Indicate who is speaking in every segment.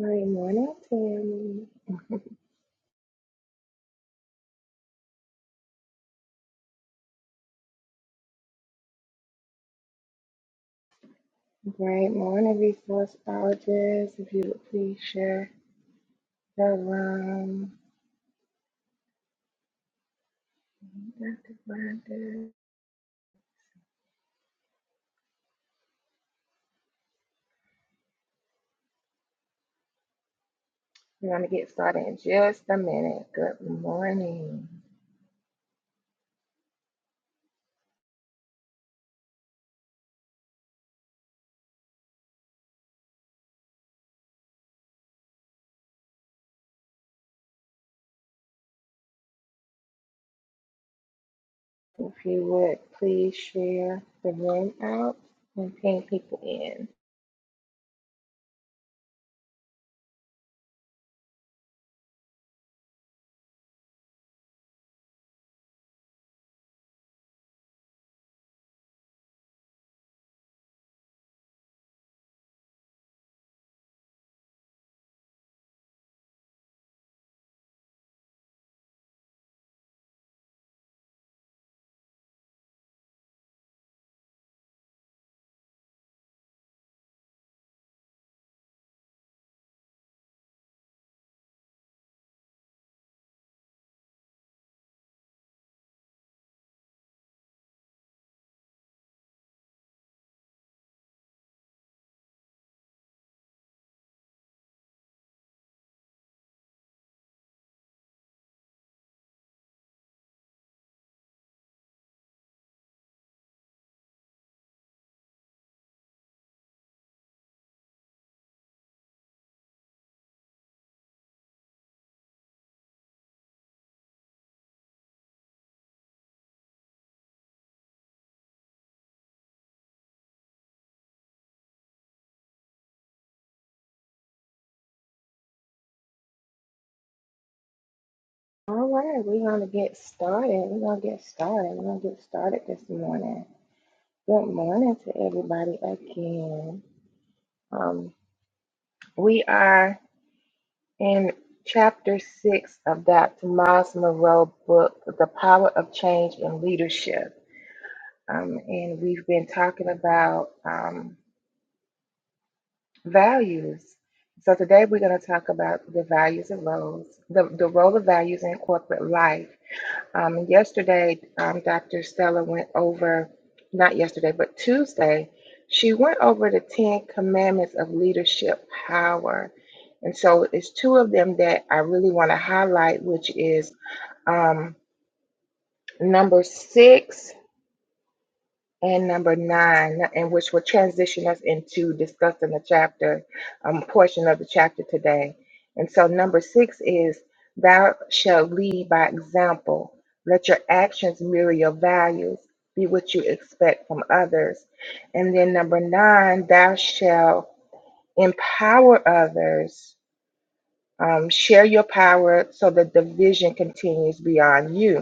Speaker 1: Great morning, Tammy. Great morning, resource colleges. If you would please share the room. Dr. Rhonda. We're going to get started in just a minute. Good morning. If you would please share the room out and ping people in. All right, we're going to get started. We're going to get started. We're going to get started this morning. Good morning to everybody again. Um, we are. In chapter six of Dr. Miles Monroe book, The Power of Change in Leadership. Um, and we've been talking about um, values. So today we're going to talk about the values of roles, the, the role of values in corporate life. Um, yesterday, um, Dr. Stella went over, not yesterday, but Tuesday, she went over the 10 commandments of leadership power. And so it's two of them that I really want to highlight, which is um, number six and number nine, and which will transition us into discussing the chapter, um, portion of the chapter today. And so number six is, Thou shalt lead by example. Let your actions mirror your values, be what you expect from others. And then number nine, Thou shalt empower others, um, share your power so that the vision continues beyond you.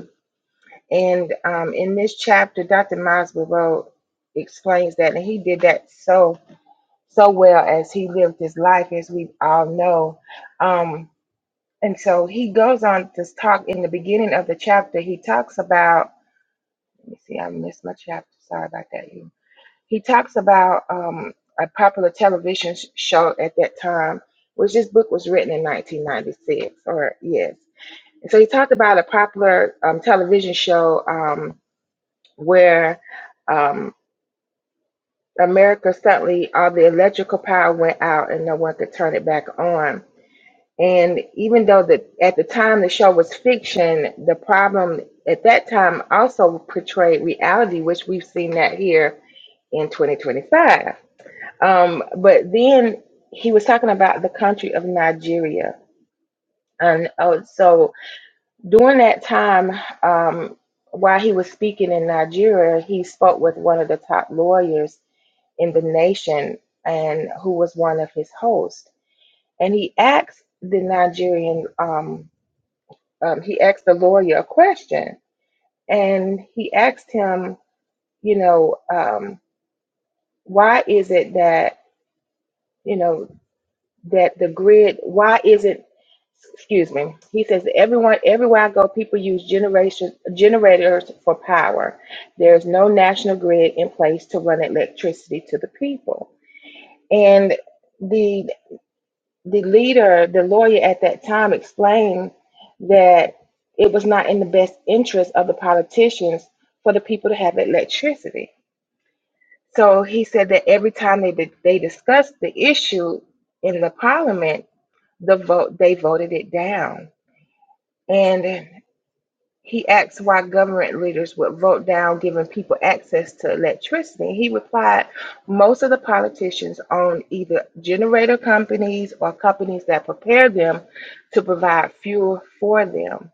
Speaker 1: And um, in this chapter, Dr. Miles Monroe explains that, and he did that so so well as he lived his life, as we all know. Um, and so he goes on to talk in the beginning of the chapter. He talks about. Let me see. I missed my chapter. Sorry about that. you. He talks about um, a popular television sh- show at that time, which this book was written in 1996. Or yes. And so he talked about a popular um, television show. Um, where um, America suddenly all the electrical power went out and no one could turn it back on. And even though the at the time the show was fiction, the problem at that time also portrayed reality, which we've seen that here in 2025. Um, but then he was talking about the country of Nigeria, and oh, so during that time, um, while he was speaking in Nigeria, he spoke with one of the top lawyers in the nation and who was one of his hosts. And he asked the Nigerian, um, um, he asked the lawyer a question and he asked him, you know, um, why is it that, you know, that the grid, why is it, excuse me, he says, everyone, everywhere I go, people use generation, generators for power. There's no national grid in place to run electricity to the people. And the. the leader, the lawyer at that time explained that it was not in the best interest of the politicians for the people to have electricity. So he said that every time they they discussed the issue in the parliament, the vote they voted it down. And he asked why government leaders would vote down giving people access to electricity. He replied, most of the politicians own either generator companies or companies that prepare them to provide fuel for them.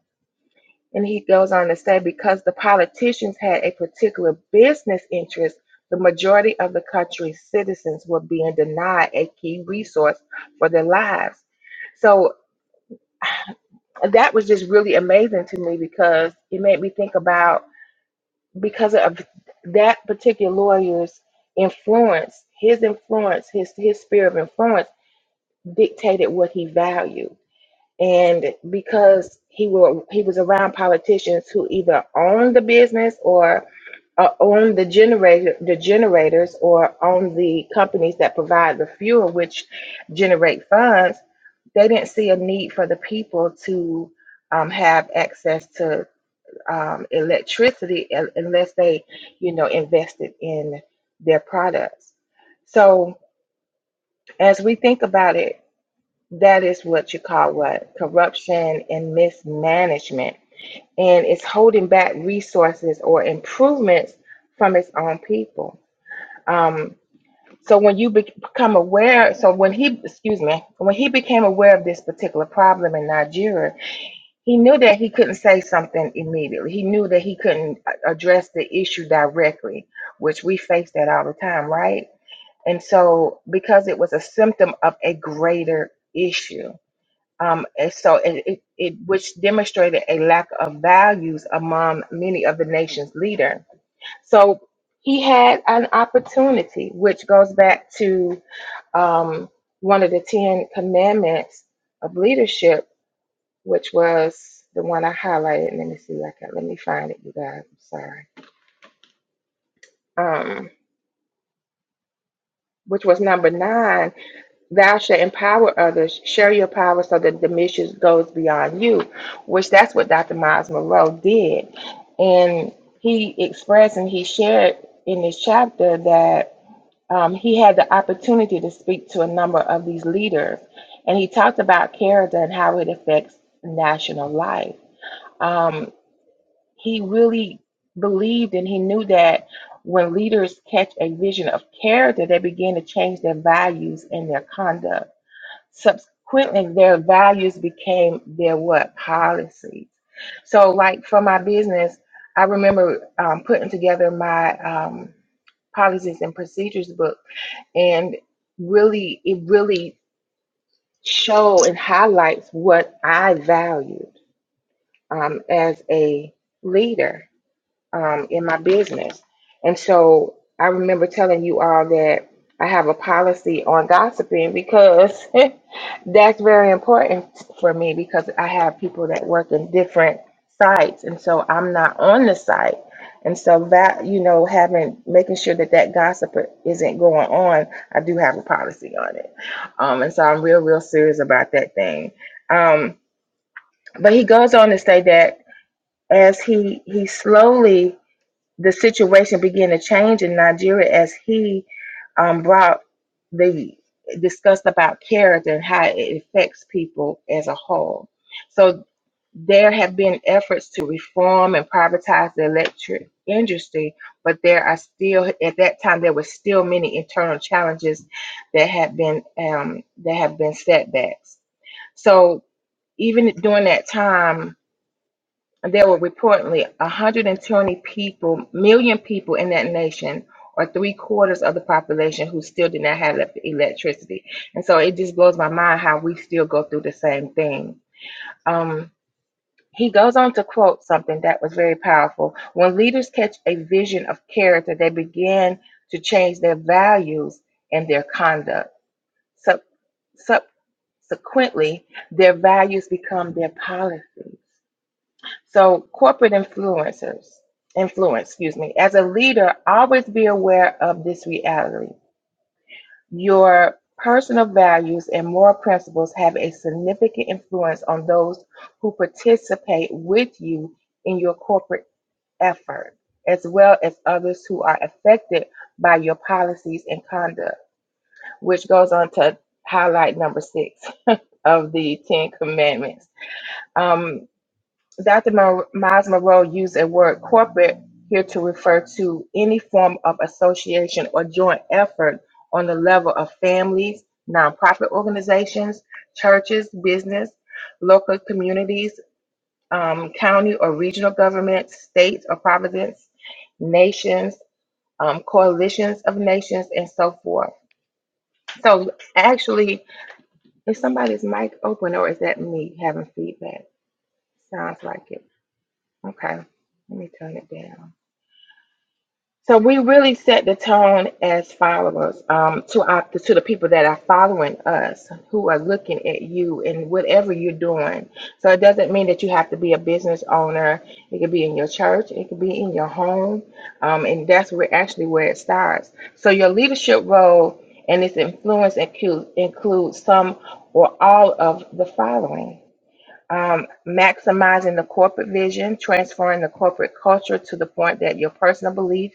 Speaker 1: And he goes on to say, because the politicians had a particular business interest, the majority of the country's citizens were being denied a key resource for their lives. So that was just really amazing to me because it made me think about because of that particular lawyer's influence, his influence, his his sphere of influence dictated what he valued. And because he were he was around politicians who either owned the business or uh, owned the generator the generators or owned the companies that provide the fuel which generate funds, they didn't see a need for the people to um, have access to um, electricity un- unless they, you know, invested in their products. So as we think about it, that is what you call what corruption and mismanagement, and it's holding back resources or improvements from its own people. Um, so when you bec- become aware, so when he, excuse me, when he became aware of this particular problem in Nigeria, He knew that he couldn't say something immediately. He knew that he couldn't a- address the issue directly, which we face that all the time, right? And so, because it was a symptom of a greater issue, um, and so it, it, it which demonstrated a lack of values among many of the nation's leader. So he had an opportunity, which goes back to um, one of the Ten Commandments of leadership which was the one I highlighted. Let me see, if I can let me find it, you guys. I'm sorry. Um, which was number nine. Thou shalt empower others, share your power so that the mission goes beyond you, which that's what Dr. Miles Monroe did. And he expressed and he shared in this chapter that um, he had the opportunity to speak to a number of these leaders. And he talked about character and how it affects national life Um, he really believed and he knew that when leaders catch a vision of character, they begin to change their values and their conduct. Subsequently, their values became their what policies. So, like for my business, I remember um, putting together my um, policies and procedures book, and really, it really show and highlights what I valued um, as a leader um, in my business. And so I remember telling you all that I have a policy on gossiping because that's very important for me because I have people that work in different sites. And so I'm not on the site. And so that, you know, having, making sure that that gossip isn't going on, I do have a policy on it. Um, and so I'm real, real serious about that thing. Um, but he goes on to say that as he, he slowly the situation began to change in Nigeria as he um, brought the discussed about character and how it affects people as a whole. So there have been efforts to reform and privatize the electric industry, but there are still at that time there were still many internal challenges that have been um, that have been setbacks. So even during that time, there were reportedly 120 people, million people in that nation, or three quarters of the population who still did not have elec- electricity. And so it just blows my mind how we still go through the same thing. Um, he goes on to quote something that was very powerful. When leaders catch a vision of character, they begin to change their values and their conduct. Sub- subsequently, their values become their policies. So corporate influencers, influence, excuse me, as a leader, always be aware of this reality. Your personal values and moral principles have a significant influence on those who participate with you in your corporate effort, as well as others who are affected by your policies and conduct, which goes on to highlight number six of the Ten Commandments. Um, Dr. Mo- Miles Monroe used the word corporate here to refer to any form of association or joint effort on the level of families, nonprofit organizations, churches, business, local communities, um, county or regional governments, states or provinces, nations, um, coalitions of nations, and so forth. So, actually, is somebody's mic open or is that me having feedback? Sounds like it. Okay, let me turn it down. So we really set the tone as followers um, to our, to the people that are following us, who are looking at you and whatever you're doing. So it doesn't mean that you have to be a business owner. It could be in your church, it could be in your home, um, and that's where actually where it starts. So your leadership role and its influence include includes some or all of the following um, maximizing the corporate vision, transferring the corporate culture to the point that your personal belief,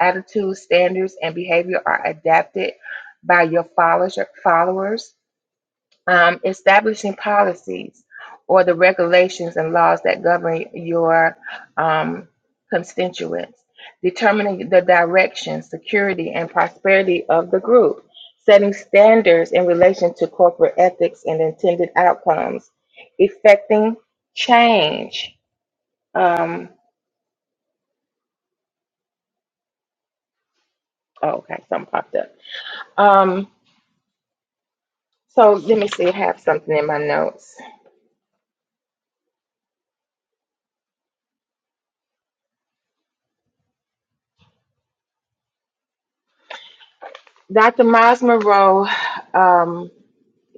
Speaker 1: attitudes, standards, and behavior are adapted by your followers. followers um, establishing policies or the regulations and laws that govern your um, constituents, determining the direction, security, and prosperity of the group, setting standards in relation to corporate ethics and intended outcomes, effecting change. Um, oh, okay, something popped up. Um, so let me see, I have something in my notes. Dr. Miles Monroe. Um,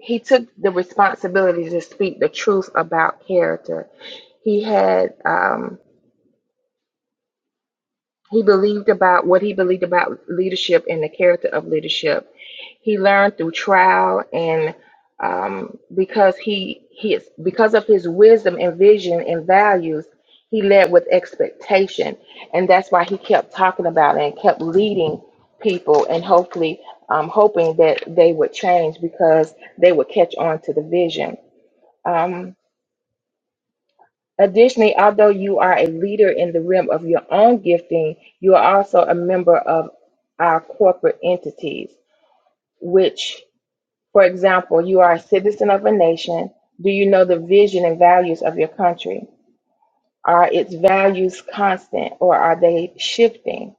Speaker 1: he took the responsibility to speak the truth about character. He had um, he believed about what he believed about leadership and the character of leadership. He learned through trial and um, because he his because of his wisdom and vision and values, he led with expectation, and that's why he kept talking about it and kept leading people and hopefully um, hoping that they would change because they would catch on to the vision um, additionally, although you are a leader in the realm of your own gifting, you are also a member of our corporate entities, which, for example, you are a citizen of a nation. Do you know the vision and values of your country? Are its values constant or are they shifting?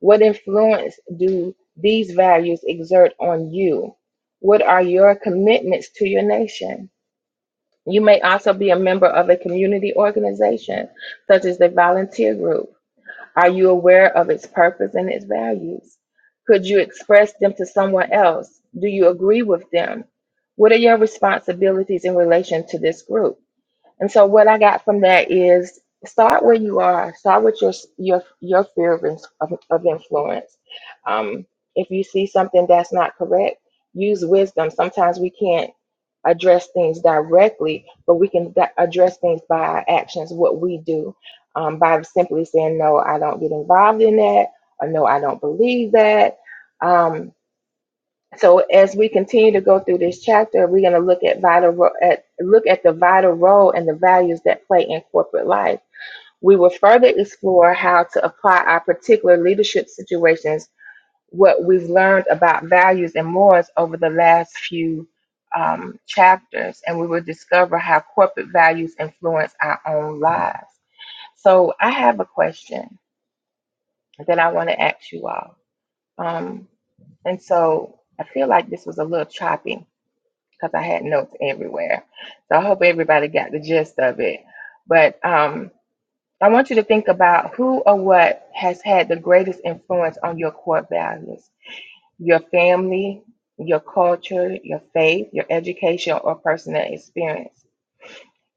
Speaker 1: What influence do these values exert on you? What are your commitments to your nation? You may also be a member of a community organization, such as a volunteer group. Are you aware of its purpose and its values? Could you express them to someone else? Do you agree with them? What are your responsibilities in relation to this group? And so what I got from that is start where you are. Start with your your your fear of of, of influence. Um, if you see something that's not correct, use wisdom. Sometimes we can't address things directly, but we can di- address things by our actions, what we do, um, by simply saying no, I don't get involved in that, or no, I don't believe that. Um, so as we continue to go through this chapter, we're going to look at vital ro- at look at the vital role and the values that play in corporate life. We will further explore how to apply our particular leadership situations, what we've learned about values and morals over the last few um, chapters, and we will discover how corporate values influence our own lives. So I have a question that I want to ask you all, um, and so I feel like this was a little choppy because I had notes everywhere. So I hope everybody got the gist of it. But um, I want you to think about who or what has had the greatest influence on your core values your family, your culture, your faith, your education, or personal experience.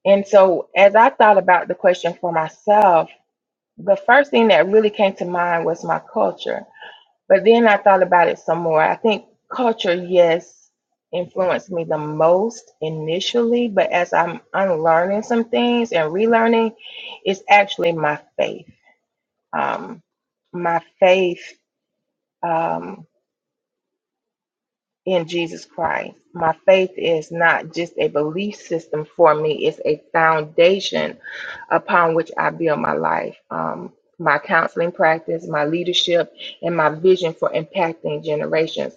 Speaker 1: And so, as I thought about the question for myself, the first thing that really came to mind was my culture but then I thought about it some more. I think culture, yes, influenced me the most initially, but as I'm unlearning some things and relearning, it's actually my faith. Um, my faith um, in Jesus Christ. My faith is not just a belief system for me, it's a foundation upon which I build my life. Um, my counseling practice, my leadership, and my vision for impacting generations.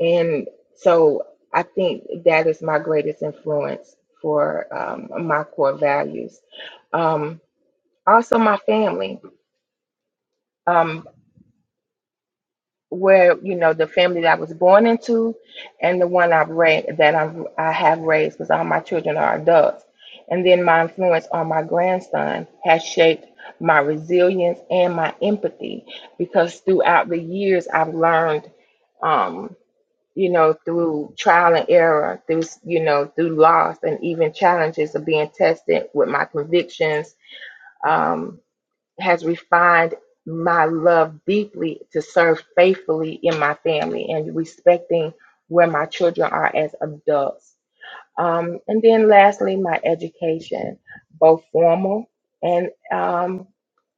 Speaker 1: And so I think that is my greatest influence for um, my core values. Um, also, my family, um, where you know the family that I was born into, and the one I've raised that I've, I have raised, because all my children are adults. And then my influence on my grandson has shaped my resilience and my empathy, because throughout the years I've learned. Um, you know, through trial and error, through, you know, through loss and even challenges of being tested with my convictions, um, has refined my love deeply to serve faithfully in my family and respecting where my children are as adults. Um, and then lastly, my education, both formal and um,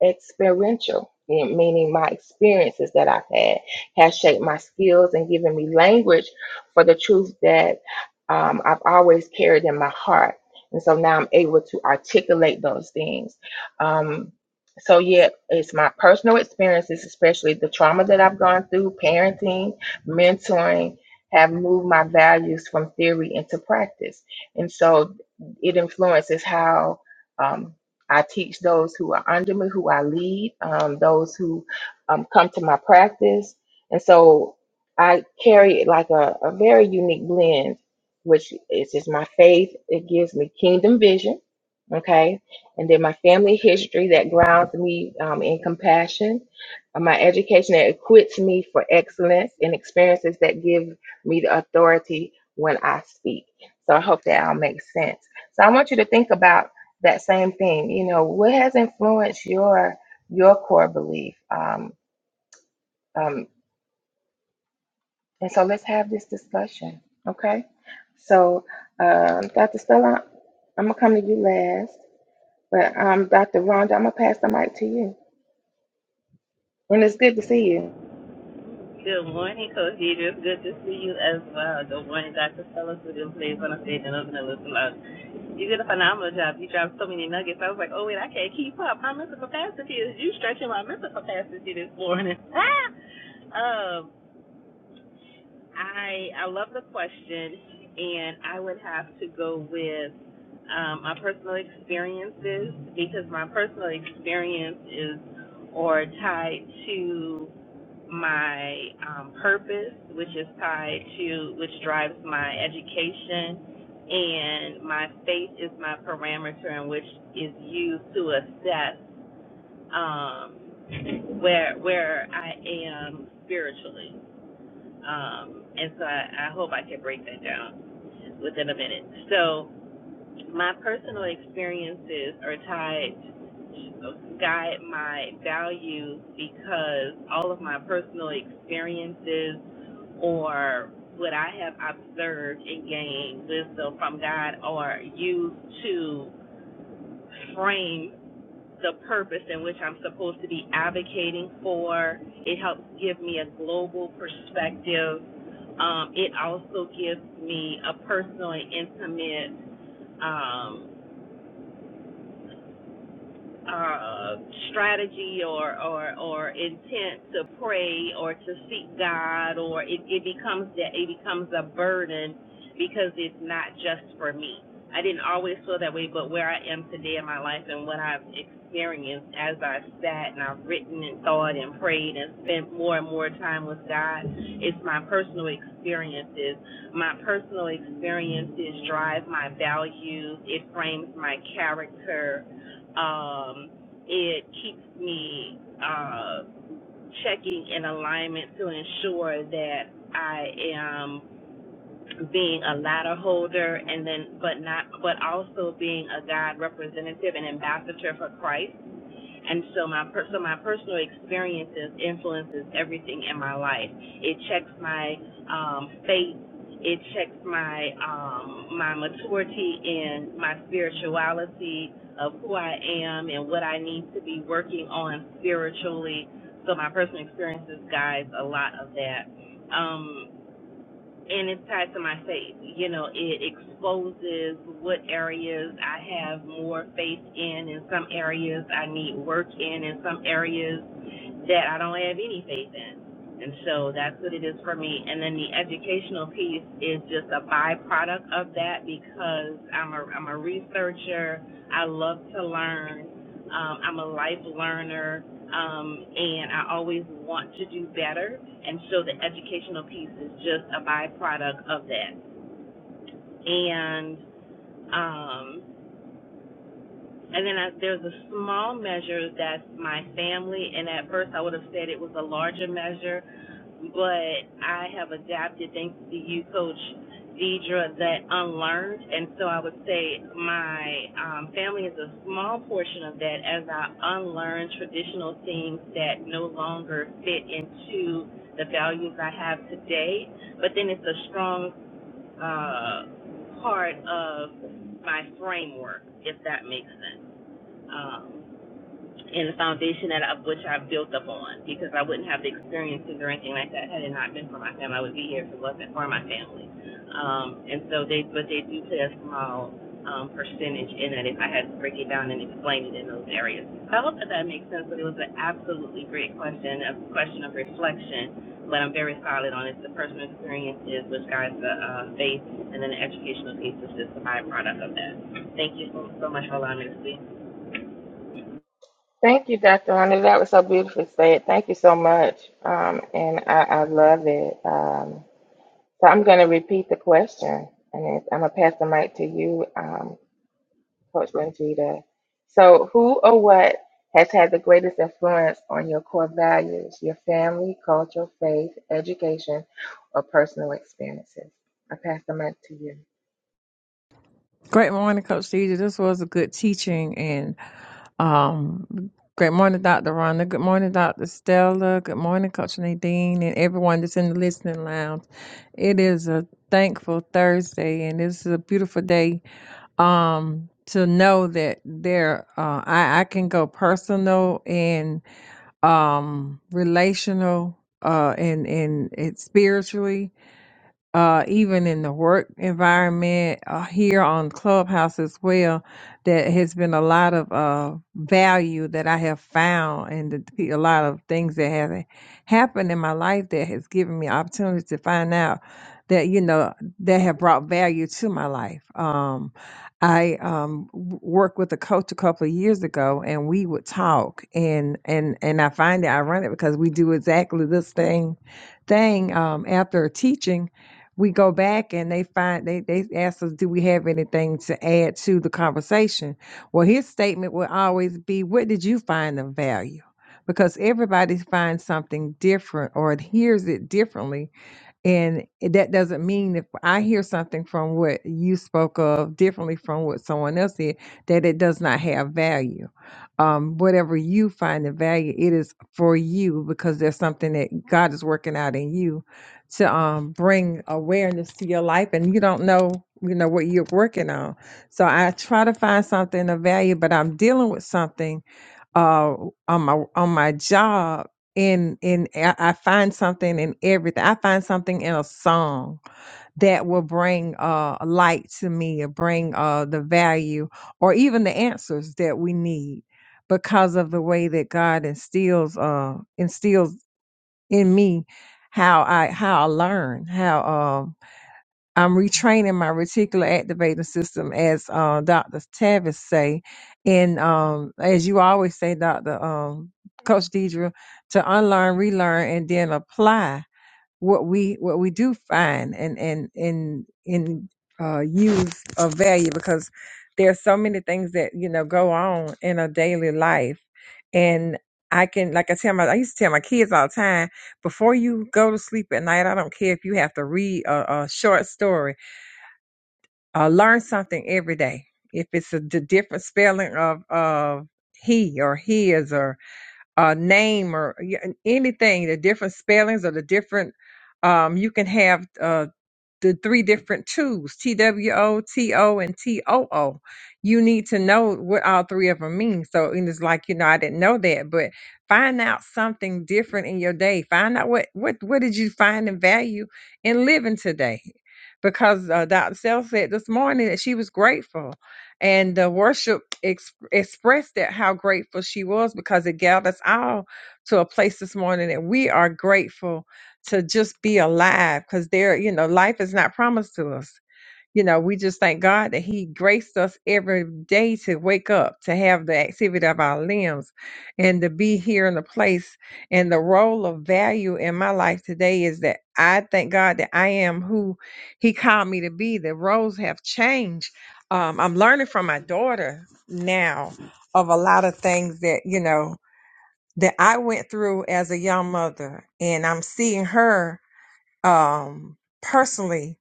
Speaker 1: experiential, me- meaning my experiences that I've had has shaped my skills and given me language for the truth that um, I've always carried in my heart. And so now I'm able to articulate those things. Um, so, yeah, it's my personal experiences, especially the trauma that I've gone through, parenting, mentoring, have moved my values from theory into practice. And so it influences how um, I teach those who are under me, who I lead, um, those who um, come to my practice. And so I carry like a, a very unique blend, which is just my faith. It gives me kingdom vision. Okay. And then my family history that grounds me um, in compassion. Uh, My education that equips me for excellence and experiences that give me the authority when I speak. So I hope that all makes sense. So I want you to think about that same thing. You know, what has influenced your your core belief? Um, um, and so let's have this discussion, okay? So, um, Dr. Stella, I'm gonna come to you last, but um, Dr. Rhonda, I'm gonna pass the mic to you. And it's good to see you.
Speaker 2: Good morning, Coach Peter. It's Good to see you as well. Good morning, Dr. Fellows, who didn't play on the stage and open a little loud. You did a phenomenal job. You dropped so many nuggets. I was like, oh, wait, I can't keep up. My mental capacity is you stretching my mental capacity this morning. Ah! um, I, I love the question, and I would have to go with um, my personal experiences because my personal experience is or tied to my um, purpose, which is tied to, which drives my education, and my faith is my parameter in which is used to assess um, where where I am spiritually. Um, and so I, I hope I can break that down within a minute. So my personal experiences are tied guide my values because all of my personal experiences or what I have observed and gained wisdom from God are used to frame the purpose in which I'm supposed to be advocating for. It helps give me a global perspective. Um, it also gives me a personal and intimate um, uh, strategy or, or or intent to pray or to seek God, or it, it becomes that it becomes a burden because it's not just for me. I didn't always feel that way, but where I am today in my life and what I've experienced as I sat and I've written and thought and prayed and spent more and more time with God, it's my personal experiences. My personal experiences drive my values. It frames my character um, it keeps me uh, checking in alignment to ensure that I am being a ladder holder and then but not but also being a God representative and ambassador for Christ and so my per- so my personal experiences influences everything in my life. It checks my um, faith. It checks my um, my maturity in my spirituality of who I am and what I need to be working on spiritually. So my personal experiences guides a lot of that. Um, and it's tied to my faith. You know, it exposes what areas I have more faith in, and some areas I need work in, and some areas that I don't have any faith in. And so that's what it is for me. And then the educational piece is just a byproduct of that because I'm a I'm a researcher. I love to learn. Um, I'm a life learner um, and I always want to do better. And so the educational piece is just a byproduct of that. And um, and then I, there's a small measure that's my family, and at first I would have said it was a larger measure, but I have adapted, thanks to you, Coach Deidre, that unlearned. And so I would say my um, family is a small portion of that as I unlearn traditional things that no longer fit into the values I have today. But then it's a strong uh, part of my framework, if that makes sense um, and the foundation that I, which I've built up on because I wouldn't have the experiences or anything like that had it not been for my family. I would be here if it wasn't for my family. Um, and so they, but they do play a small um, percentage in that if I had to break it down and explain it in those areas. So I hope that that makes sense, but it was an absolutely great question, a question of reflection. But I'm very solid on it. The personal experiences, which guides the uh, uh, faith, and then the educational piece is just a byproduct of that. Thank you so, so much for allowing me to speak.
Speaker 1: Thank you, Dr. Rhonda. That was so beautifully said. Thank you so much. Um, and I, I love it. Um, So I'm going to repeat the question, and then I'm going to pass the mic to you, um, Coach Rangita. So, who or what has had the greatest influence on your core values, your family, culture, faith, education, or personal experiences? I pass the mic to you.
Speaker 3: Great morning, Coach Deidre. This was a good teaching. And um, great morning, Dr. Rhonda. Good morning, Dr. Stella. Good morning, Coach Nadine, and everyone that's in the listening lounge. It is a thankful Thursday, and this is a beautiful day um, to know that there uh, I, I can go personal and um, relational uh, and, and, and spiritually uh, even in the work environment uh, here on Clubhouse as well, that has been a lot of uh, value that I have found, and the, the- a lot of things that have happened in my life that has given me opportunities to find out that you know that have brought value to my life. Um, I um, w- worked with a coach a couple of years ago, and we would talk, and and and I find it ironic because we do exactly this thing thing um, after teaching we go back and they find they they ask us, do we have anything to add to the conversation? Well, his statement will always be, what did you find of value? Because everybody finds something different or hears it differently and that doesn't mean if I hear something from what you spoke of differently from what someone else did, that it does not have value. Um, whatever you find the value, it is for you because there's something that God is working out in you to um, bring awareness to your life, and you don't know, you know, what you're working on. So I try to find something of value, but I'm dealing with something uh on my on my job and and I I find something in everything. I find something in a song that will bring uh light to me or bring uh the value or even the answers that we need because of the way that God instills uh instills in me how I how I learn, how uh, I'm retraining my reticular activating system, as uh, Dr. Tavis say, and um, as you always say, Dr. Um, Coach Deidre, to unlearn, relearn, and then apply what we what we do find and and and and uh, use of value because there are so many things that you know go on in our daily life, and I can like I tell my I used to tell my kids all the time before you go to sleep at night, I don't care if you have to read a, a short story uh, learn something every day. If it's a d- different spelling of of he or his or a name or y- anything, the different spellings or the different, um, you can have. uh, the three different twos T W O, T O, and TOO. You need to know what all three of them mean. So and it's like, you know, I didn't know that, but find out something different in your day. Find out what what what did you find and value in living today. Because uh, Dr. Sell said this morning that she was grateful, and the worship ex- expressed that how grateful she was because it gathered us all to a place this morning that we are grateful to just be alive because there, you know, life is not promised to us. You know, we just thank God that He graced us every day to wake up, to have the activity of our limbs, and to be here in the place. And the role of value in my life today is that I thank God that I am who He called me to be. The roles have changed. Um, I'm learning from my daughter now of a lot of things that, you know, that I went through as a young mother. And I'm seeing her um, personally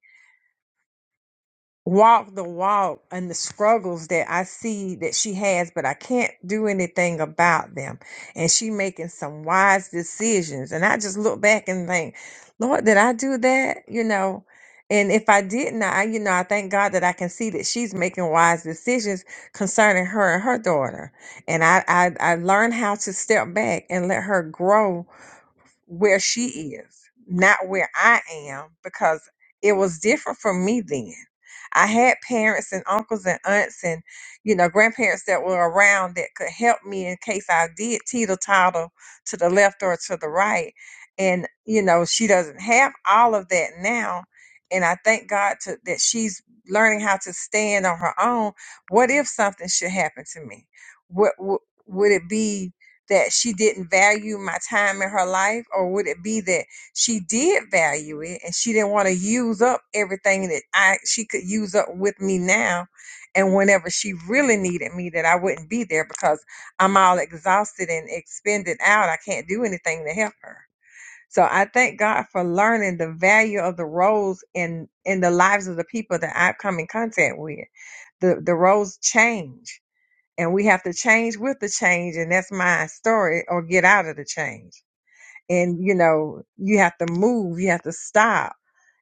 Speaker 3: walk the walk and the struggles that I see that she has, but I can't do anything about them. And she making some wise decisions. And I just look back and think, Lord, did I do that? You know, and if I didn't, I, you know, I thank God that I can see that she's making wise decisions concerning her and her daughter. And I, I, I learned how to step back and let her grow where she is, not where I am, because it was different for me then. I had parents and uncles and aunts and, you know, grandparents that were around that could help me in case I did teeter totter to the left or to the right. And, you know, she doesn't have all of that now. And I thank God to, that she's learning how to stand on her own. What if something should happen to me? What, what would it be? that she didn't value my time in her life or would it be that she did value it and she didn't want to use up everything that I she could use up with me now and whenever she really needed me that I wouldn't be there because I'm all exhausted and expended out I can't do anything to help her so I thank God for learning the value of the roles in in the lives of the people that I've come in contact with the the roles change and we have to change with the change and that's my story or get out of the change and you know you have to move you have to stop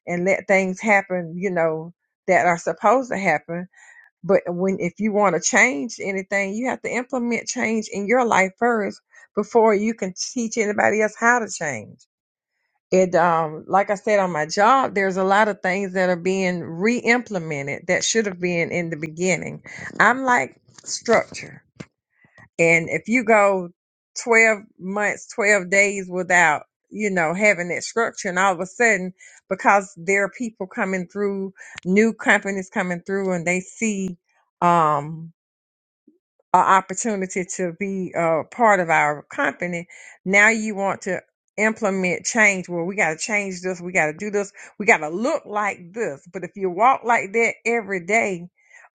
Speaker 3: and let things happen you know that are supposed to happen but when if you want to change anything you have to implement change in your life first before you can teach anybody else how to change it um like i said on my job there's a lot of things that are being re-implemented that should have been in the beginning i'm like structure and if you go 12 months, 12 days without, you know, having that structure, and all of a sudden, because there are people coming through, new companies coming through, and they see, um, an opportunity to be a part of our company. Now you want to implement change. Well, we got to change this. We got to do this. We got to look like this. But if you walk like that every day,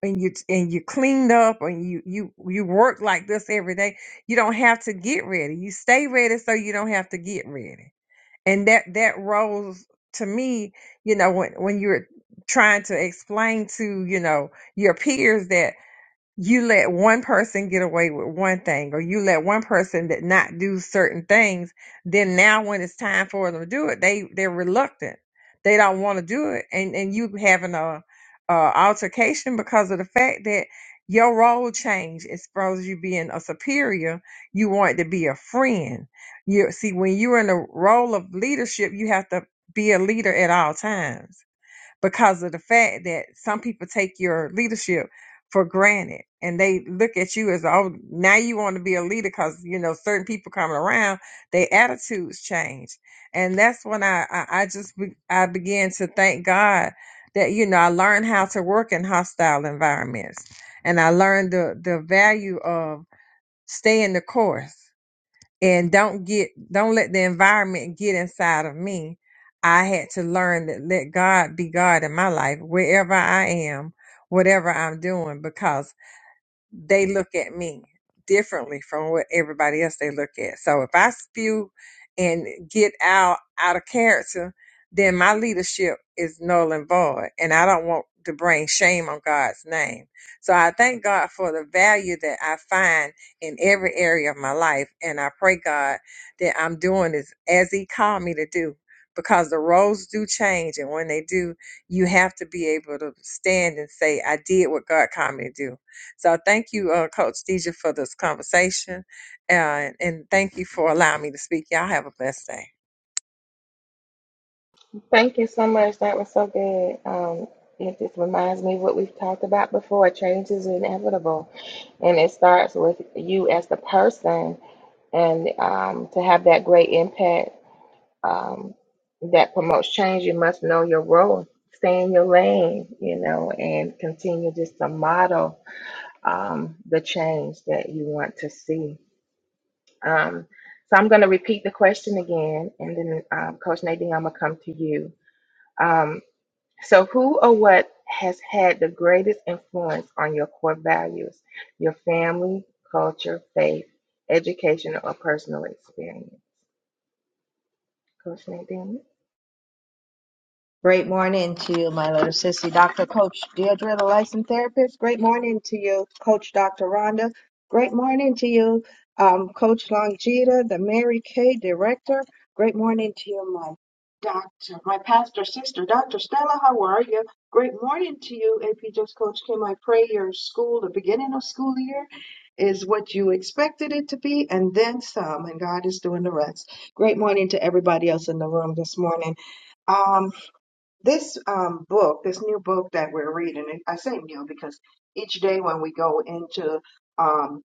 Speaker 3: and you and you cleaned up and you you you work like this every day, you don't have to get ready. You stay ready so you don't have to get ready. And that that rolls to me, you know, when when you're trying to explain to you know your peers that you let one person get away with one thing or you let one person that not do certain things then now when it's time for them to do it they they're reluctant they don't want to do it and and you having a, a altercation because of the fact that your role changed as far as you being a superior you want to be a friend you see when you're in the role of leadership you have to be a leader at all times because of the fact that some people take your leadership for granted and they look at you as oh now you want to be a leader because you know certain people coming around their attitudes change and that's when i i, I just be, i began to thank god that you know i learned how to work in hostile environments and i learned the the value of staying the course and don't get don't let the environment get inside of me i had to learn that let god be god in my life wherever i am whatever i'm doing because they look at me differently from what everybody else they look at. So if I spew and get out out of character, then my leadership is null and void, and I don't want to bring shame on God's name. So I thank God for the value that I find in every area of my life, and I pray God that I'm doing this as He called me to do. Because the roles do change, and when they do, you have to be able to stand and say, "I did what God called me to do." So thank you, uh, Coach Deja, for this conversation, and, and thank you for allowing me to speak. Y'all have a blessed day.
Speaker 1: Thank you so much. That was so good. Um, it just reminds me of what we've talked about before. Change is inevitable, and it starts with you as the person and um, to have that great impact um, that promotes change, you must know your role, stay in your lane, you know, and continue just to model um, the change that you want to see. Um, so I'm going to repeat the question again, and then um, Coach Nadine, I'm going to come to you. Um, so, who or what has had the greatest influence on your core values, your family, culture, faith, education, or personal experience? Coach Nadine?
Speaker 4: Great morning to you, my little sissy, Dr. Coach Deirdre, the licensed therapist. Great morning to you, Coach Dr. Rhonda. Great morning to you, um, Coach Longita, the Mary Kay director. Great morning to you, my doctor, my pastor sister, Dr. Stella. How are you? Great morning to you, AP Just Coach Kim. I pray your school, the beginning of school year, is what you expected it to be, and then some, and God is doing the rest. Great morning to everybody else in the room this morning. Um this um, book, this new book that we're reading, and I say new because each day when we go into um,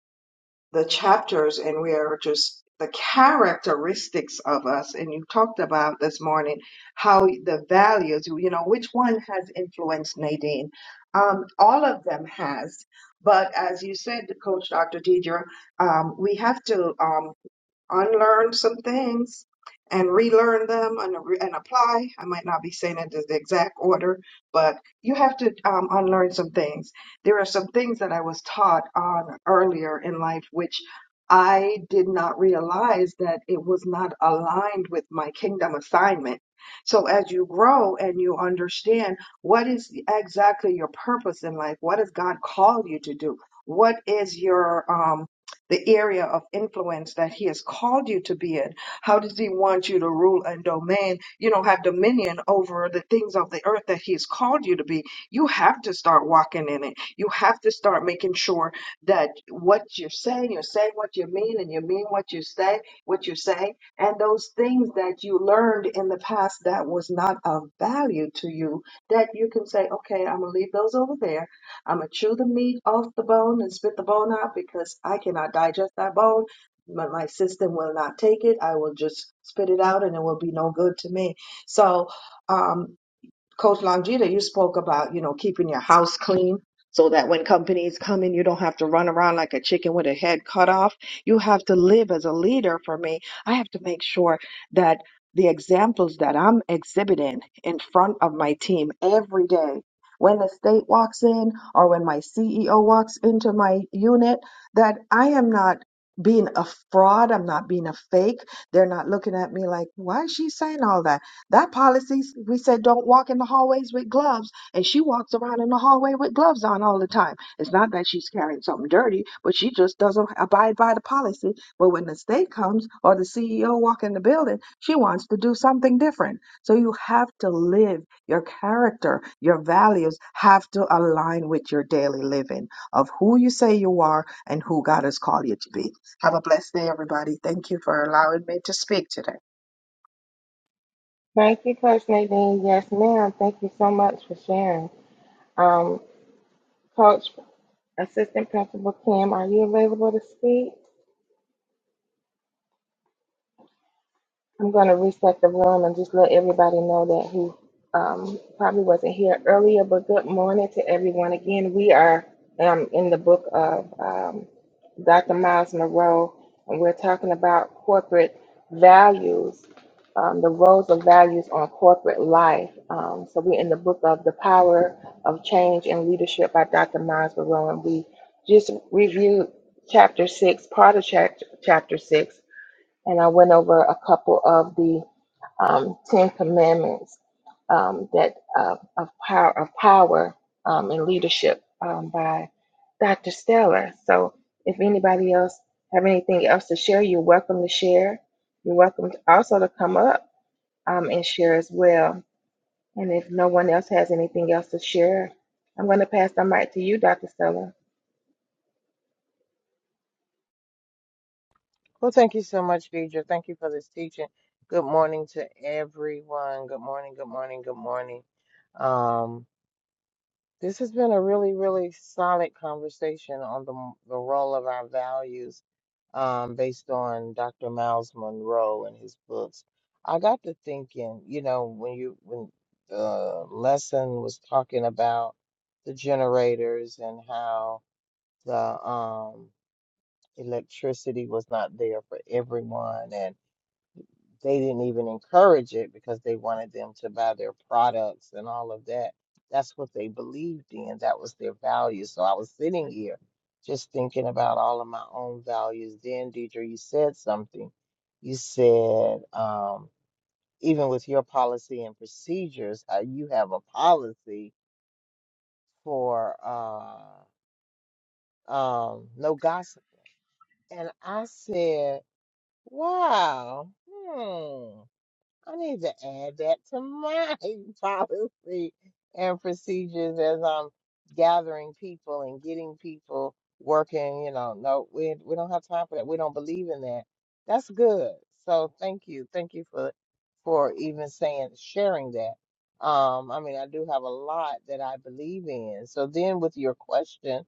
Speaker 4: the chapters and we are just the characteristics of us, and you talked about this morning how the values, you know, which one has influenced Nadine? Um, all of them has. But as you said, Coach Dr. Deidre, um, we have to. Um, unlearn some things and relearn them and, and apply. I might not be saying it in the exact order, but you have to um, unlearn some things. There are some things that I was taught on earlier in life, which I did not realize that it was not aligned with my kingdom assignment. So as you grow and you understand what is exactly your purpose in life, what has God called you to do? What is your um, the area of influence that he has called you to be in. How does he want you to rule and domain, you know, have dominion over the things of the earth that he has called you to be? You have to start walking in it. You have to start making sure that what you're saying, you're saying what you mean, and you mean what you say, what you say. And those things that you learned in the past that was not of value to you, that you can say, okay, I'm going to leave those over there I'm going to chew the meat off the bone and spit the bone out because I cannot digest that bone. But my system will not take it. I will just spit it out and it will be no good to me. So, um, Coach Longita, you spoke about, you know, keeping your house clean so that when companies come in, you don't have to run around like a chicken with a head cut off. You have to live as a leader for me. I have to make sure that the examples that I'm exhibiting in front of my team every day, when the state walks in or when my CEO walks into my unit, that I am not being a fraud. I'm not being a fake. They're not looking at me like, why is she saying all that? That policy, we said don't walk in the hallways with gloves, and she walks around in the hallway with gloves on all the time. It's not that she's carrying something dirty, but she just doesn't abide by the policy. But when the state comes or the CEO walk in the building, she wants to do something different. So you have to live your character, your values have to align with your daily living of who you say you are and who God has called you to be. Have a blessed day, everybody. Thank you for allowing me to speak today.
Speaker 1: Thank you, Coach Nadine. Yes, ma'am. Thank you so much for sharing. Um, Coach, Assistant Principal Kim, are you available to speak? I'm going to reset the room and just let everybody know that who um, probably wasn't here earlier, but good morning to everyone. Again, we are um, in the book of um, Dr. Miles Monroe, and we're talking about corporate values, um, the roles of values on corporate life. Um, so we're in the book of The Power of Change and Leadership by Dr. Miles Monroe, and we just reviewed chapter six, part of chapter, chapter six and I went over a couple of the um, Ten Commandments um, that uh, of power of power um, and leadership um, by Dr. Stella. So if anybody else have anything else to share, you're welcome to share. You're welcome to also to come up um, and share as well. And if no one else has anything else to share, I'm going to pass the mic to you, Dr. Stella.
Speaker 5: Well, thank you so much, Deidre. Thank you for this teaching. Good morning to everyone. Good morning, good morning, good morning. Um, this has been a really, really solid conversation on the, the role of our values um, based on Dr. Miles Monroe and his books. I got to thinking, you know, when you when the lesson was talking about the generators and how the um, electricity was not there for everyone and they didn't even encourage it because they wanted them to buy their products and all of that. That's what they believed in. That was their value. So I was sitting here just thinking about all of my own values. Then, Deidre, you said something. You said, um, even with your policy and procedures, how you have a policy for uh, um, no gossip. And I said, wow, hmm. I need to add that to my policy and procedures as I'm gathering people and getting people working. You know, no, we we don't have time for that. We don't believe in that. That's good. So thank you, thank you for for even saying sharing that. Um, I mean, I do have a lot that I believe in. So then, with your question,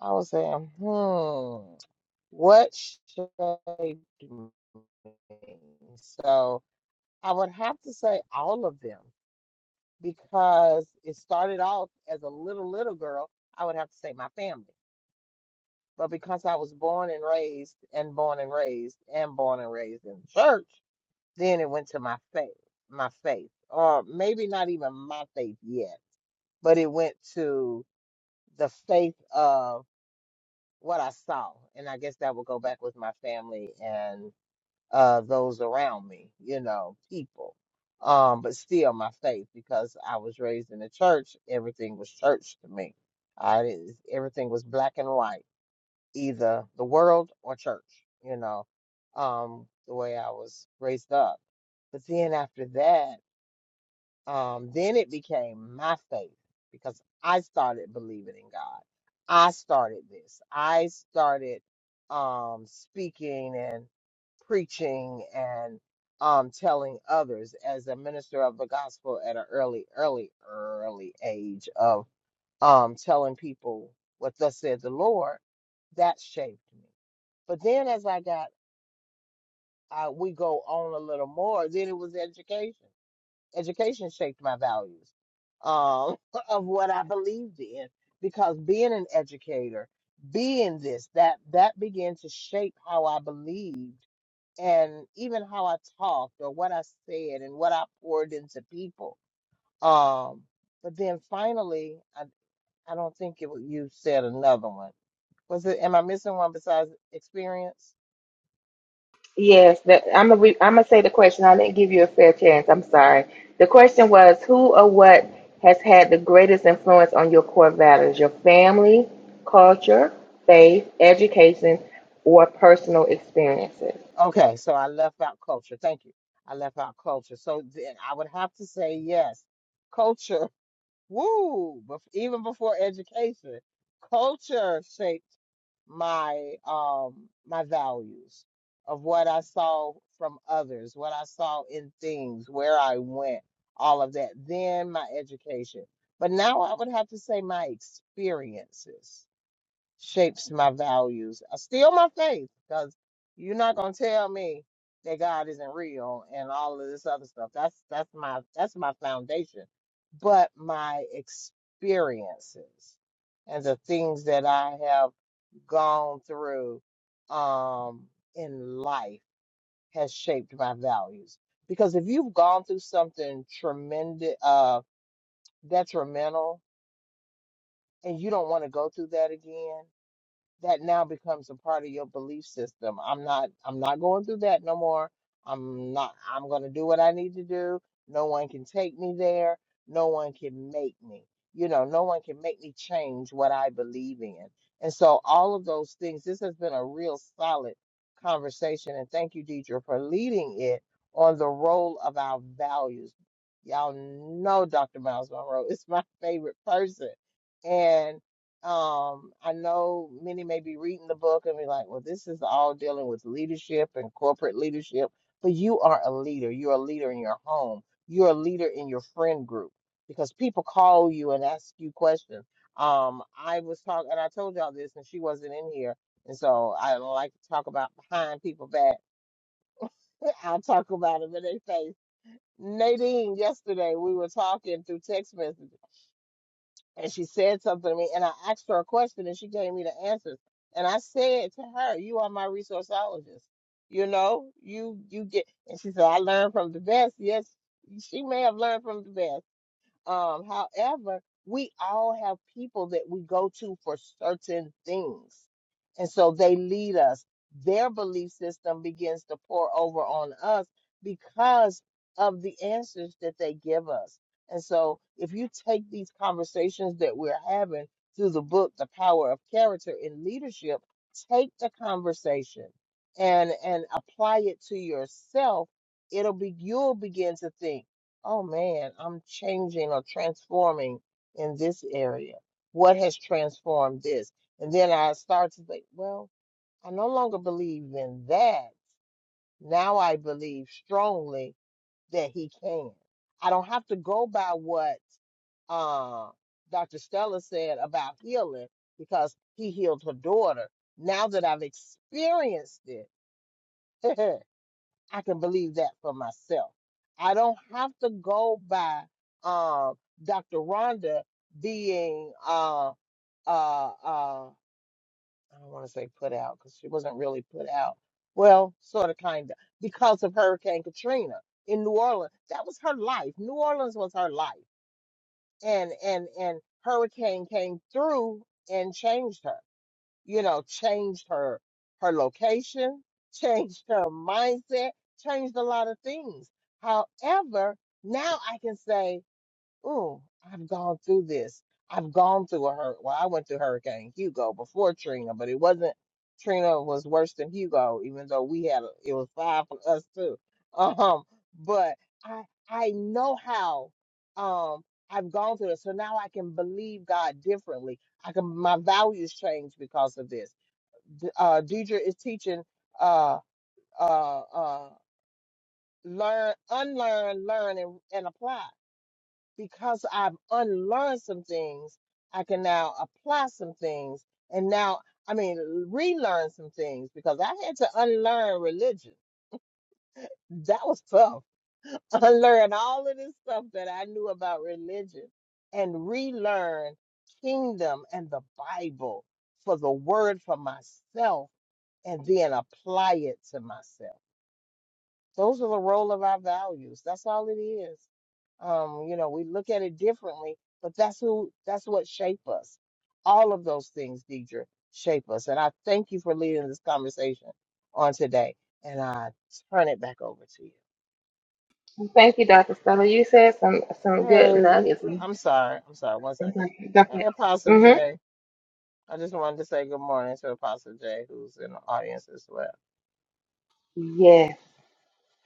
Speaker 5: I was saying, hmm, what shaped me? So. I would have to say all of them because it started off as a little, little girl. I would have to say my family. But because I was born and raised and born and raised and born and raised in church, then it went to my faith, my faith, or maybe not even my faith yet, but it went to the faith of what I saw. And I guess that would go back with my family uh, those around me, you know, people. Um, but still my faith because I was raised in the church, everything was church to me. I didn't, everything was black and white, either the world or church, you know, um, the way I was raised up. But then after that, um, then it became my faith because I started believing in God. I started this. I started um, speaking and preaching and um, telling others as a minister of the gospel at an early, early, early age of um, telling people what thus said the Lord. That shaped me. But then as I got, uh, we go on a little more, then it was education education shaped my values um, of what I believed in because being an educator, being this, that, that began to shape how I believed and even how I talked or what I said and what I poured into people. Um, but then finally, I, I don't think it was, you said another one. Was it, am I missing one besides experience?
Speaker 1: Yes, that, I'm gonna re, I'm gonna say the question. I didn't give you a fair chance. I'm sorry. The question was, who or what has had the greatest influence on your core values? Your family, culture, faith, education, or personal experiences?
Speaker 5: Okay, so I left out culture. Thank you. I left out culture. So then I would have to say yes. Culture Woo! But even before education, culture shaped my um my values of what I saw from others, what I saw in things, where I went, all of that. Then my education. But now I would have to say my experiences shapes my values. I Still my faith, because you're not gonna tell me that God isn't real and all of this other stuff. That's that's my that's my foundation. But my experiences and the things that I have gone through um in life has shaped my values. Because if you've gone through something tremendous uh detrimental and you don't want to go through that again, that now becomes a part of your belief system. I'm not I'm not going through that no more. I'm not I'm going to do what I need to do. No one can take me there. No one can make me. You know, no one can make me change what I believe in. And so all of those things this has been a real solid conversation and thank you Deidre for leading it on the role of our values. Y'all know Dr. Miles Monroe is my favorite person. and. Um, I know many may be reading the book and be like, well, this is all dealing with leadership and corporate leadership, but you are a leader. You're a leader in your home. You're a leader in your friend group because people call you and ask you questions. Um, I was talking, and I told y'all this, and she wasn't in here, and so I don't like to talk about behind people back. I'll talk about it in their face. Nadine, yesterday we were talking through text messages and she said something to me and I asked her a question and she gave me the answers. And I said to her, You are my resourceologist. You know, you you get and she said, I learned from the best. Yes, she may have learned from the best. Um, however, we all have people that we go to for certain things. And so they lead us. Their belief system begins to pour over on us because of the answers that they give us. And so if you take these conversations that we're having through the book, The Power of Character in Leadership, take the conversation and and apply it to yourself, it'll be you'll begin to think. Oh man, I'm changing or transforming in this area. What has transformed this? And then I start to think, well, I no longer believe in that. Now I believe strongly that he can. I don't have to go by what uh, Dr. Stella said about healing because he healed her daughter. Now that I've experienced it, I can believe that for myself. I don't have to go by uh, Dr. Rhonda being, uh, uh, uh, I don't want to say put out because she wasn't really put out. Well, sort of, kind of, because of Hurricane Katrina in New Orleans. That was her life. New Orleans was her life. And, and, and Hurricane came through and changed her you know, changed her her location, changed her mindset, changed a lot of things. However, now I can say Oh, I've gone through this. I've gone through a hur. Well, I went through Hurricane Hugo before Trina, but it wasn't. Trina was worse than Hugo, even though we had a, it was five for us too. Um, but I I know how. Um, I've gone through this, so now I can believe God differently. I can my values change because of this. D- Uh, Deidre is teaching. Uh, uh, uh, learn, unlearn, learn, and, and apply because I've unlearned some things, I can now apply some things. And now, I mean, relearn some things because I had to unlearn religion. That was tough. Unlearn all of this stuff that I knew about religion and relearn kingdom and the Bible for the word for myself and then apply it to myself. Those are the role of our values. That's all it is. Um, you know, we look at it differently, but that's who that's what shape us. All of those things, Deidre, shape us. And I thank you for leading this conversation on today. And I turn it back over to you.
Speaker 1: Thank you, Dr. Stella. You said some some good
Speaker 5: Hey,
Speaker 1: nuggets.
Speaker 5: I'm sorry. I'm sorry. One second. Hey, Apostle
Speaker 1: Mm-hmm.
Speaker 5: J. I just wanted to say good morning to Apostle J, who's in the audience as well.
Speaker 1: Yes.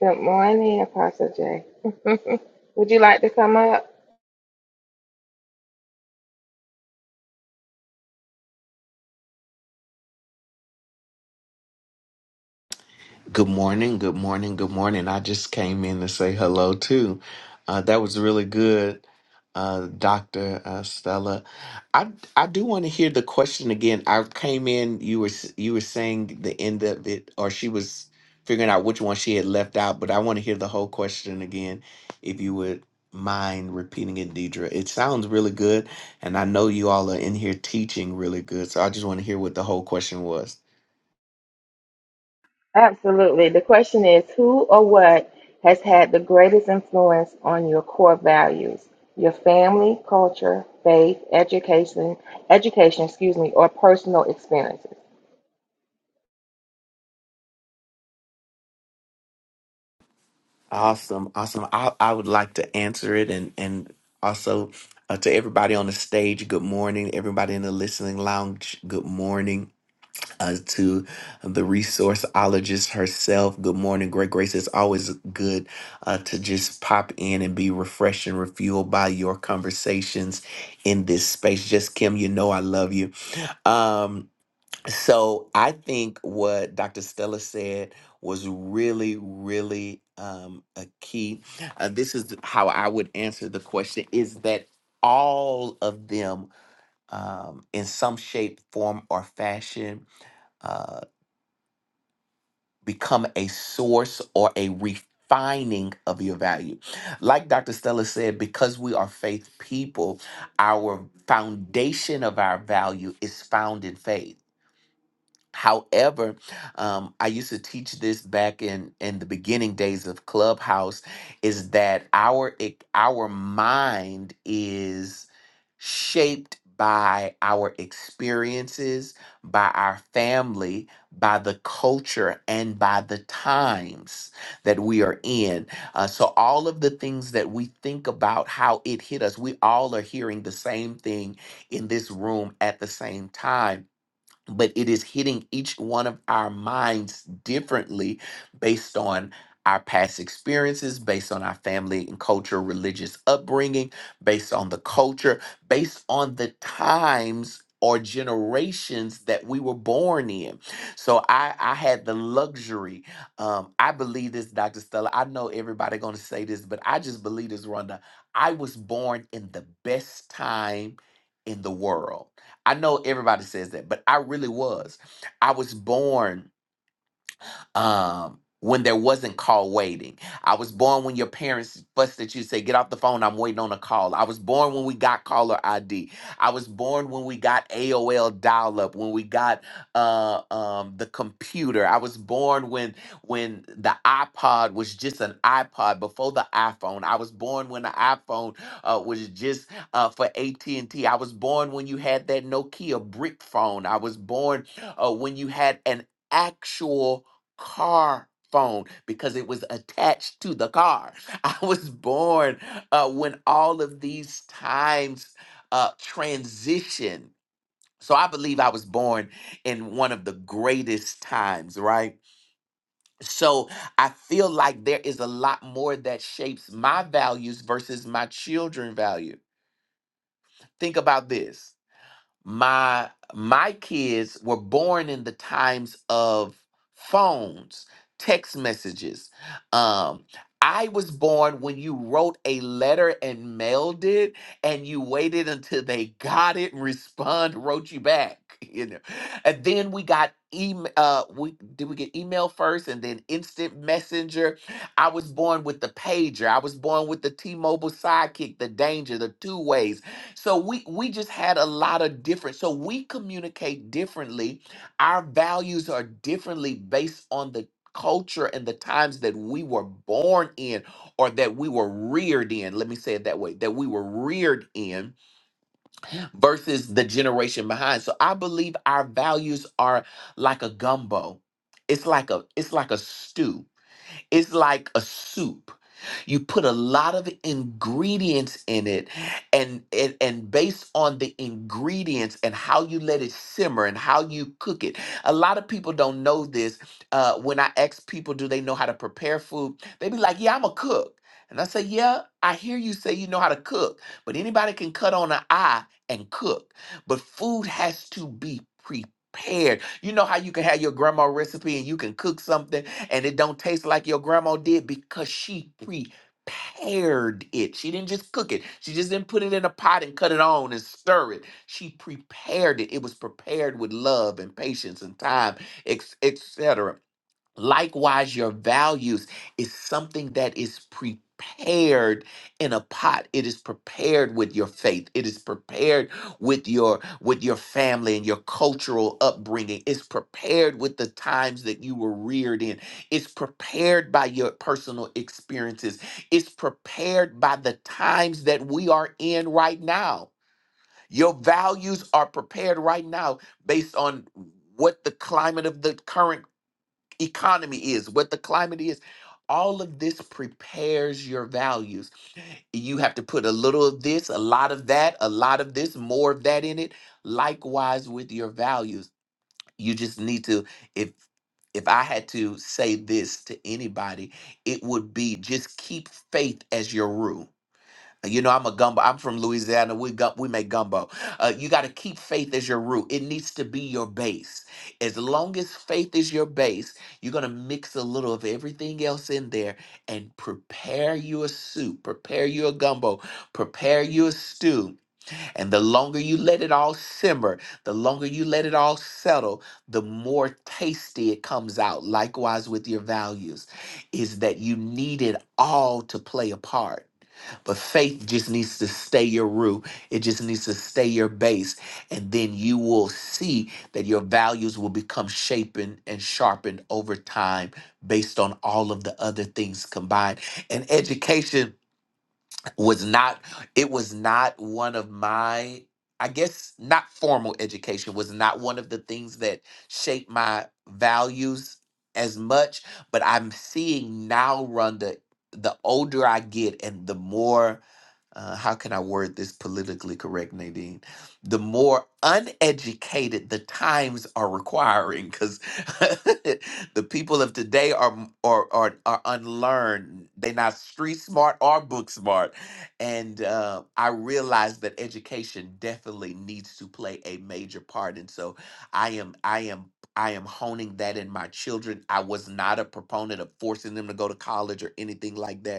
Speaker 1: Good morning, Apostle Jay. Would you like to come up?
Speaker 6: Good morning, good morning, good morning. I just came in to say hello too. Uh, that was really good, uh, Doctor uh, Stella. I I do want to hear the question again. I came in. You were s- you were saying the end of it, or she was figuring out which one she had left out. But I want to hear the whole question again, if you would mind repeating it, Deidre. It sounds really good, and I know you all are in here teaching really good. So I just want to hear what the whole question was.
Speaker 1: Absolutely. The question is who or what has had the greatest influence on your core values? Your family, culture, faith, education, education, excuse me, or personal experiences.
Speaker 6: Awesome, awesome. I, I would like to answer it and and also uh, to everybody on the stage, good morning. Everybody in the listening lounge, good morning. Uh, to the resourceologist herself, good morning. Great Grace, it's always good uh, to just pop in and be refreshed and refueled by your conversations in this space. Just Kim, you know I love you. Um, so I think what Dr. Stella said was really, really um, a key. Uh, this is how I would answer the question: is that all of them, um, in some shape, form, or fashion, uh, become a source or a refining of your value. Like Dr. Stella said, because we are faith people, our foundation of our value is found in faith However, um, I used to teach this back in in the beginning days of Clubhouse, is that our e- our mind is shaped by our experiences, by our family, by the culture, and by the times that we are in. Uh, so all of the things that we think about, how it hit us, we all are hearing the same thing in this room at the same time but it is hitting each one of our minds differently based on our past experiences, based on our family and culture, religious upbringing, based on the culture, based on the times or generations that we were born in. So I, I had the luxury. Um, I believe this, Dr. Stella. I know everybody gonna say this, but I just believe this, Rhonda. I was born in the best time in the world. I know everybody says that, but I really was. I was born um, when there wasn't call waiting. I was born when your parents fussed at you, say, get off the phone, I'm waiting on a call. I was born when we got caller ID. I was born when we got AOL dial up, when we got uh, um, the computer. I was born when when the iPod was just an iPod before the iPhone. I was born when the iPhone uh, was just uh, for at and T. I was born when you had that Nokia brick phone. I was born uh, when you had an actual car phone because it was attached to the car. I was born uh, when all of these times uh, transition. So I believe I was born in one of the greatest times, right? So I feel like there is a lot more that shapes my values versus my children value. Think about this my my kids were born in the times of phones text messages um i was born when you wrote a letter and mailed it and you waited until they got it respond wrote you back you know and then we got email uh we did we get email first and then instant messenger i was born with the pager i was born with the t-mobile sidekick the danger the two ways so we we just had a lot of different. So we communicate differently. Our values are differently based on the culture and the times that we were born in or that we were reared in. Let me say it that way, that we were reared in versus the generation behind. So I believe our values are like a gumbo. It's like a it's like a stew it's like a soup. You put a lot of ingredients in it, and, and and based on the ingredients and how you let it simmer and how you cook it. A lot of people don't know this. Uh, when I ask people, do they know how to prepare food? They be like, "Yeah, I'm a cook," and I say, "Yeah, I hear you say you know how to cook, but anybody can cut on an eye and cook, but food has to be prepared. You know how you can have your grandma recipe and you can cook something and it don't taste like your grandma did because she prepared it. She didn't just cook it. She just didn't put it in a pot and cut it on and stir it. She prepared it. It was prepared with love and patience and time, etc. Likewise, your values is something that is prepared in a pot. It is prepared with your faith. It is prepared with your with your family and your cultural upbringing. It's prepared with the times that you were reared in. It's prepared by your personal experiences. It's prepared by the times that we are in right now. Your values are prepared right now based on what the climate of the current economy is, what the climate is. All of this prepares your values. You have to put a little of this, a lot of that, a lot of this, more of that in it. Likewise with your values. You just need to if if I had to say this to anybody, it would be just keep faith as your rule you know, I'm a gumbo. I'm from Louisiana. We gum, we make gumbo. Uh, you got to keep faith as your root. It needs to be your base. As long as faith is your base, you're gonna mix a little of everything else in there and prepare you a soup, prepare you a gumbo, prepare you a stew. And the longer you let it all simmer, the longer you let it all settle, the more tasty it comes out. Likewise with your values, is that you need it all to play a part but faith just needs to stay your root. It just needs to stay your base. And then you will see that your values will become shapen and sharpened over time based on all of the other things combined. And education was not, it was not one of my, I guess not formal education was not one of the things that shaped my values as much. But I'm seeing now, Rhonda, the older I get and the more uh, how can I word this politically correct, Nadine? The more uneducated the times are requiring, because the people of today are, m- are are are unlearned. They're not street smart or book smart, and uh, I realize that education definitely needs to play a major part. And so, I am I am. I am honing that in my children. I was not a proponent of forcing them to go to college or anything like that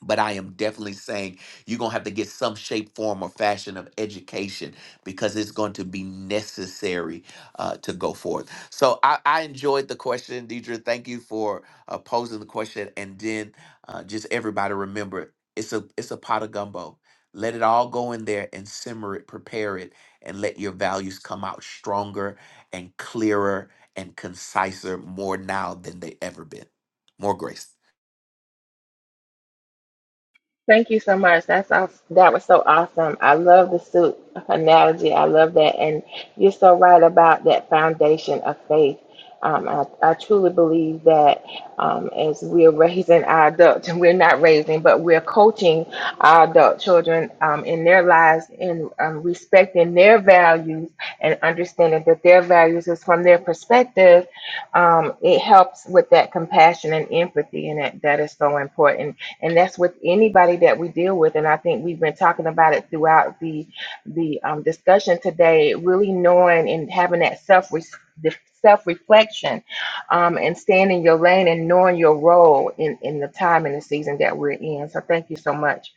Speaker 6: but I am definitely saying you're going to have to get some shape, form, or fashion of education because it's going to be necessary uh, to go forth. So I, I enjoyed the question, Deidre. Thank you for uh, posing the question. And then uh, just everybody remember it's a, it's a pot of gumbo. Let it all go in there and simmer it, prepare it, and let your values come out stronger and clearer and conciser more now than they ever been. More grace.
Speaker 1: Thank you so much. That's aw- that was so awesome. I love the suit analogy. I love that, and you're so right about that foundation of faith. Um, I, I truly believe that um, as we're raising our adults, and we're not raising, but we're coaching our adult children um, in their lives in um, respecting their values and understanding that their values is from their perspective. Um, it helps with that compassion and empathy, and that, that is so important and that's with anybody that we deal with and i think we've been talking about it throughout the the um, discussion today really knowing and having that self self reflection um, and staying in your lane and knowing your role in in the time and the season that we're in so thank you so much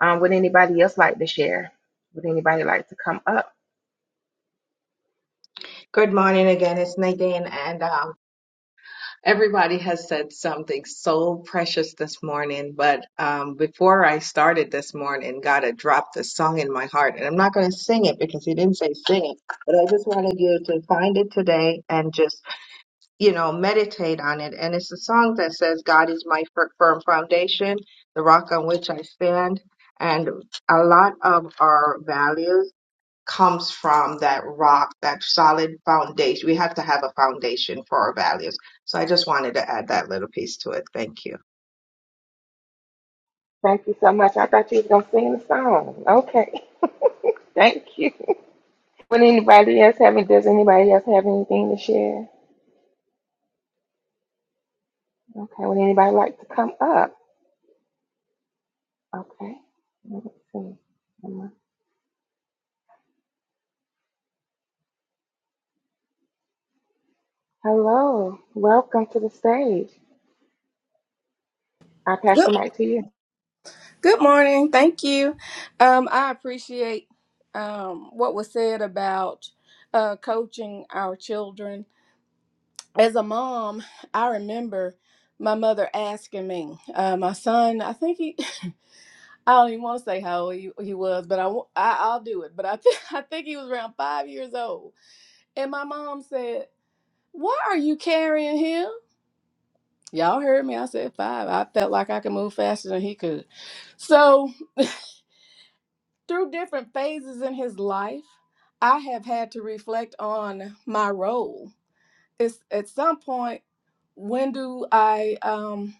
Speaker 1: um, would anybody else like to share would anybody like to come up
Speaker 4: Good morning again. It's Nadine, and um, everybody has said something so precious this morning. But um, before I started this morning, God had dropped a song in my heart, and I'm not going to sing it because He didn't say sing it. But I just wanted you to find it today and just you know meditate on it. And it's a song that says, "God is my fir- firm foundation, the rock on which I stand." And a lot of our values comes from that rock, that solid foundation. We have to have a foundation for our values. So I just wanted to add that little piece to it. Thank you.
Speaker 1: thank you so much i thought you was going to sing the song okay thank you would anybody else have does anybody else have anything to share Okay, would anybody like to come up? Okay. Let's see. Hello. Welcome to the stage. I pass the
Speaker 7: Good,
Speaker 1: mic to you.
Speaker 7: good morning. Thank you. Um, I appreciate um, what was said about uh, coaching our children. As a mom, I remember my mother asking me, uh, my son, I think he, I don't even want to say how old he, he was, but I, wo- I, I'll do it. But I, think I think he was around five years old. And my mom said, Why are you carrying him? Y'all heard me. I said five. I felt like I could move faster than he could. So, Through different phases in his life, I have had to reflect on my role. It's at some point, when do I um,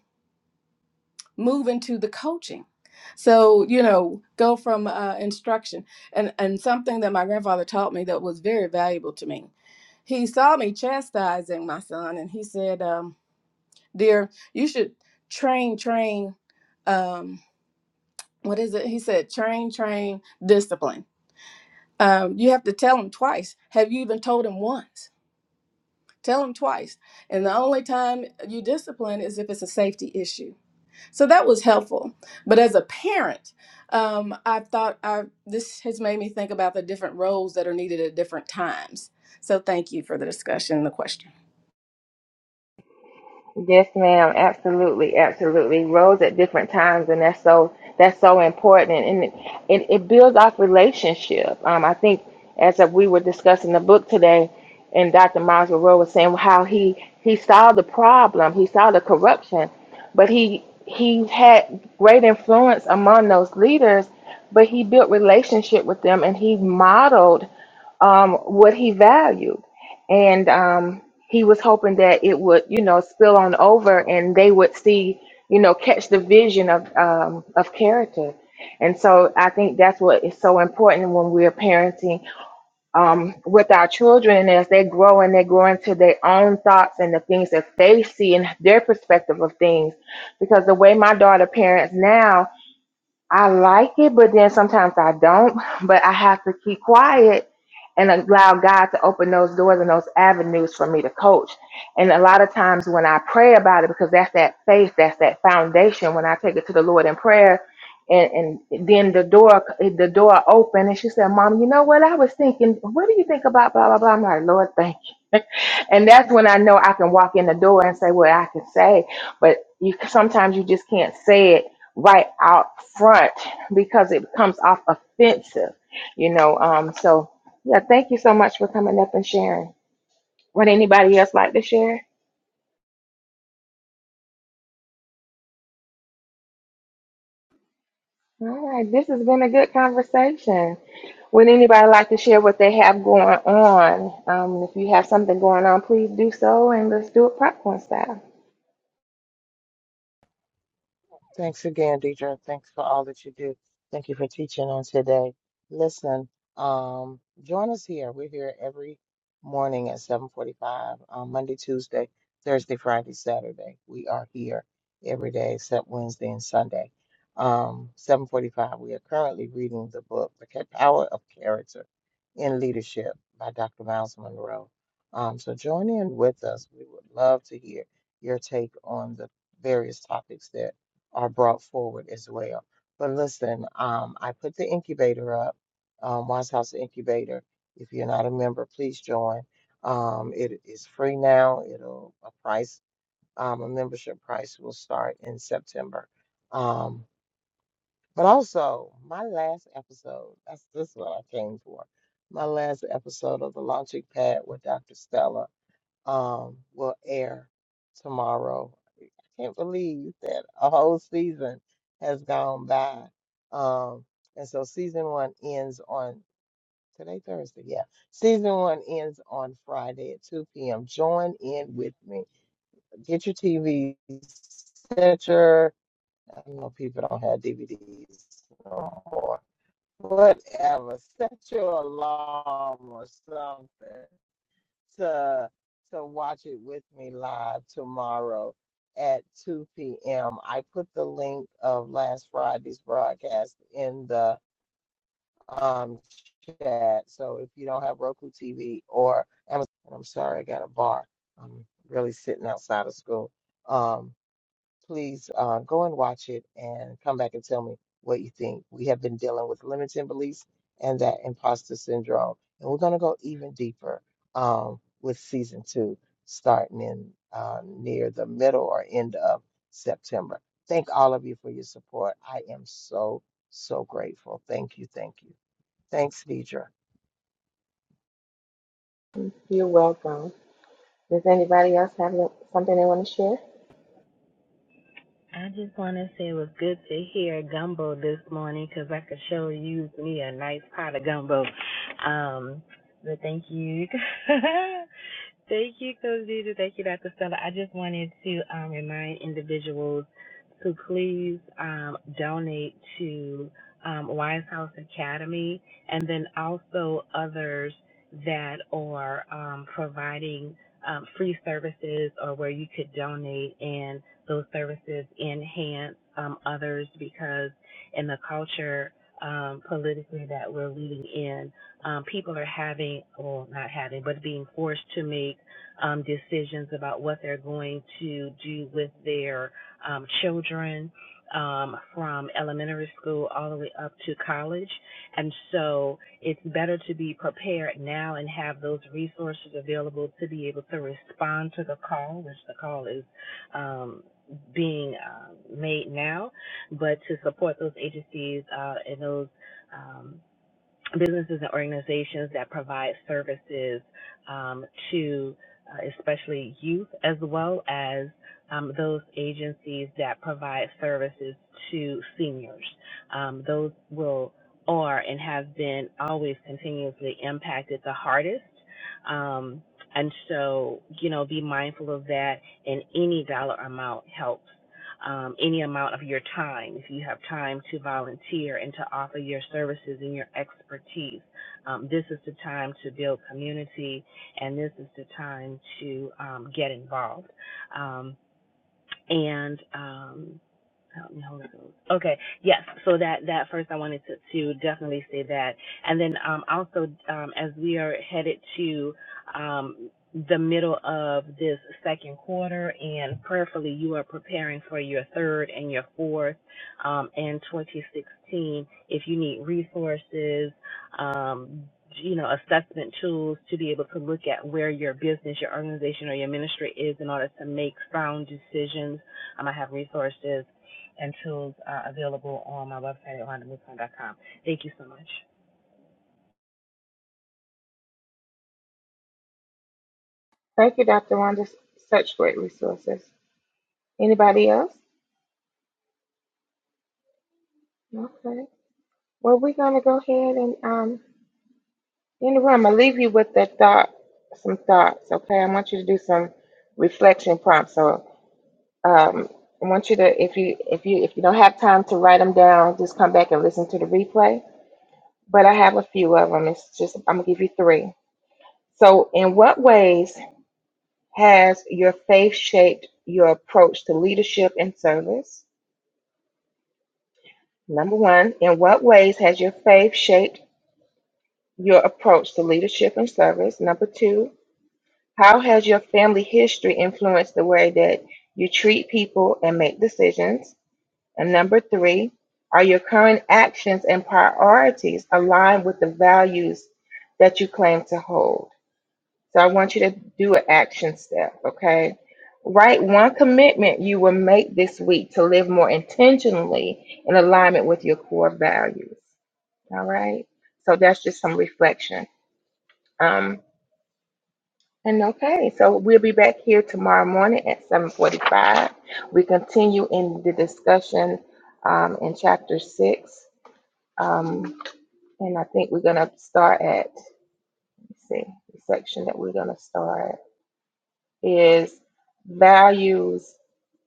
Speaker 7: move into the coaching? So, you know, go from uh, instruction. And, and something that my grandfather taught me that was very valuable to me. He saw me chastising my son and he said, um, Dear, you should train, train, um, what is it? He said, train, train, discipline um, you have to tell him twice. Have you even told him once? Tell him twice. And the only time you discipline is if it's a safety issue. So that was helpful. But as a parent, um, I thought I, this has made me think about the different roles that are needed at different times. So thank you for the discussion and the question.
Speaker 1: Yes, ma'am. Absolutely, absolutely. Roles at different times, and that's so that's so important, and it it, it builds off relationship. Um, I think as of we were discussing the book today, and Dr. Miles Monroe was saying how he he saw the problem, he saw the corruption, but he he had great influence among those leaders, but he built relationship with them, and he modeled um, what he valued and um, he was hoping that it would, you know, spill on over, and they would see, you know, catch the vision of um, of character. And so I think that's what is so important when we're parenting um, with our children as they grow and they grow into their own thoughts and the things that they see and their perspective of things. Because the way my daughter parents now, I like it, but then sometimes I don't. But I have to keep quiet and allow God to open those doors and those avenues for me to coach. And a lot of times when I pray about it, because that's that faith, that's that foundation. When I take it to the Lord in prayer, and, and then the door the door opened, and she said, "Mom, you know what? I was thinking. What do you think about blah blah blah?" I'm like, "Lord, thank you." and that's when I know I can walk in the door and say what I can say. But you sometimes you just can't say it right out front because it comes off offensive, you know. Um, so yeah, thank you so much for coming up and sharing. Would anybody else like to share? All right, this has been a good conversation. Would anybody like to share what they have going on? Um, if you have something going on, please do so, and let's do it popcorn style.
Speaker 5: Thanks again, Deidre. Thanks for all that you do. Thank you for teaching on today. Listen, um, join us here. We're here every morning at 7:45, um, Monday, Tuesday, Thursday, Friday, Saturday. We are here every day except Wednesday and Sunday. Um, 7:45. We are currently reading the book, The Ca- Power of Character in Leadership by Dr. Miles Monroe. Um, so join in with us. We would love to hear your take on the various topics that are brought forward as well. But listen, um, I put the incubator up, um, Wise House Incubator. If you're not a member, please join. Um, it is free now. It'll a price, um, a membership price will start in September. Um, but also my last episode, that's this is what I came for. My last episode of the Launching Pad with Dr. Stella um will air tomorrow. I can't believe that a whole season has gone by. Um, and so season one ends on today, Thursday. Yeah. Season one ends on Friday at 2 p.m. Join in with me. Get your TV, set your, I know people don't have DVDs no more. Whatever. Set your alarm or something to to watch it with me live tomorrow at 2 p.m. I put the link of last Friday's broadcast in the um chat. So if you don't have Roku TV or Amazon, I'm sorry, I got a bar. I'm really sitting outside of school. Um, please uh, go and watch it and come back and tell me what you think. We have been dealing with limiting beliefs and that imposter syndrome. And we're going to go even deeper um, with season two, starting in uh, near the middle or end of September. Thank all of you for your support. I am so, so grateful. Thank you. Thank you. Thanks, Deidre.
Speaker 1: You're welcome. Does anybody else have lo- something they want to share?
Speaker 2: I just want to say it was good to hear gumbo this morning because I could sure use me a nice pot of gumbo. Um, but thank you. thank you, Coach Jesus. Thank you, Dr. Stella. I just wanted to um, remind individuals to please um, donate to um, Wise House Academy and then also others that are um, providing um, free services or where you could donate. and those services enhance um, others because in the culture um, politically that we're living in, um, people are having, well, not having, but being forced to make um, decisions about what they're going to do with their um, children um, from elementary school all the way up to college. And so it's better to be prepared now and have those resources available to be able to respond to the call, which the call is um, being uh, made now, but to support those agencies uh, and those. Um, businesses and organizations that provide services um, to uh, especially youth as well as um, those agencies that provide services to seniors. Um, those will are and have been always continuously impacted the hardest. Um, and so, you know, be mindful of that and any dollar amount helps um, any amount of your time. If you have time to volunteer and to offer your services and your expertise, um, this is the time to build community and this is the time to um, get involved. Um, and um help me Holy Ghost. Okay, yes. So that that first, I wanted to, to definitely say that, and then um, also um, as we are headed to um, the middle of this second quarter, and prayerfully you are preparing for your third and your fourth um, and 2016. If you need resources, um, you know, assessment tools to be able to look at where your business, your organization, or your ministry is in order to make sound decisions. Um, I have resources and tools uh, available on my website at rhondamouflon.com. Thank you so much.
Speaker 1: Thank you, Dr. Wanda. Such great resources. Anybody else? Okay. Well, we're going to go ahead and um, end the room. I'll leave you with the thought, some thoughts, okay? I want you to do some reflection prompts. So um, I want you to, if you if you if you don't have time to write them down, just come back and listen to the replay. But I have a few of them. It's just I'm gonna give you three. So, in what ways has your faith shaped your approach to leadership and service? Number one, in what ways has your faith shaped your approach to leadership and service? Number two, How has your family history influenced the way that you treat people and make decisions? And number three, are your current actions and priorities aligned with the values that you claim to hold? So I want you to do an action step, okay? Write one commitment you will make this week to live more intentionally in alignment with your core values. All right. So that's just some reflection. Um, And okay, so we'll be back here tomorrow morning at 7:45. We continue in the discussion um, in chapter six, um, and I think we're gonna start at let's see the section that we're gonna start is values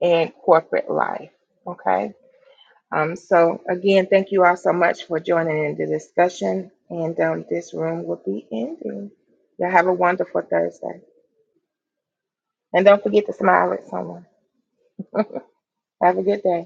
Speaker 1: in corporate life. Okay, um, so again, thank you all so much for joining in the discussion, and um, this room will be ending. Y'all have a wonderful Thursday, and don't forget to smile at someone. Have a good day.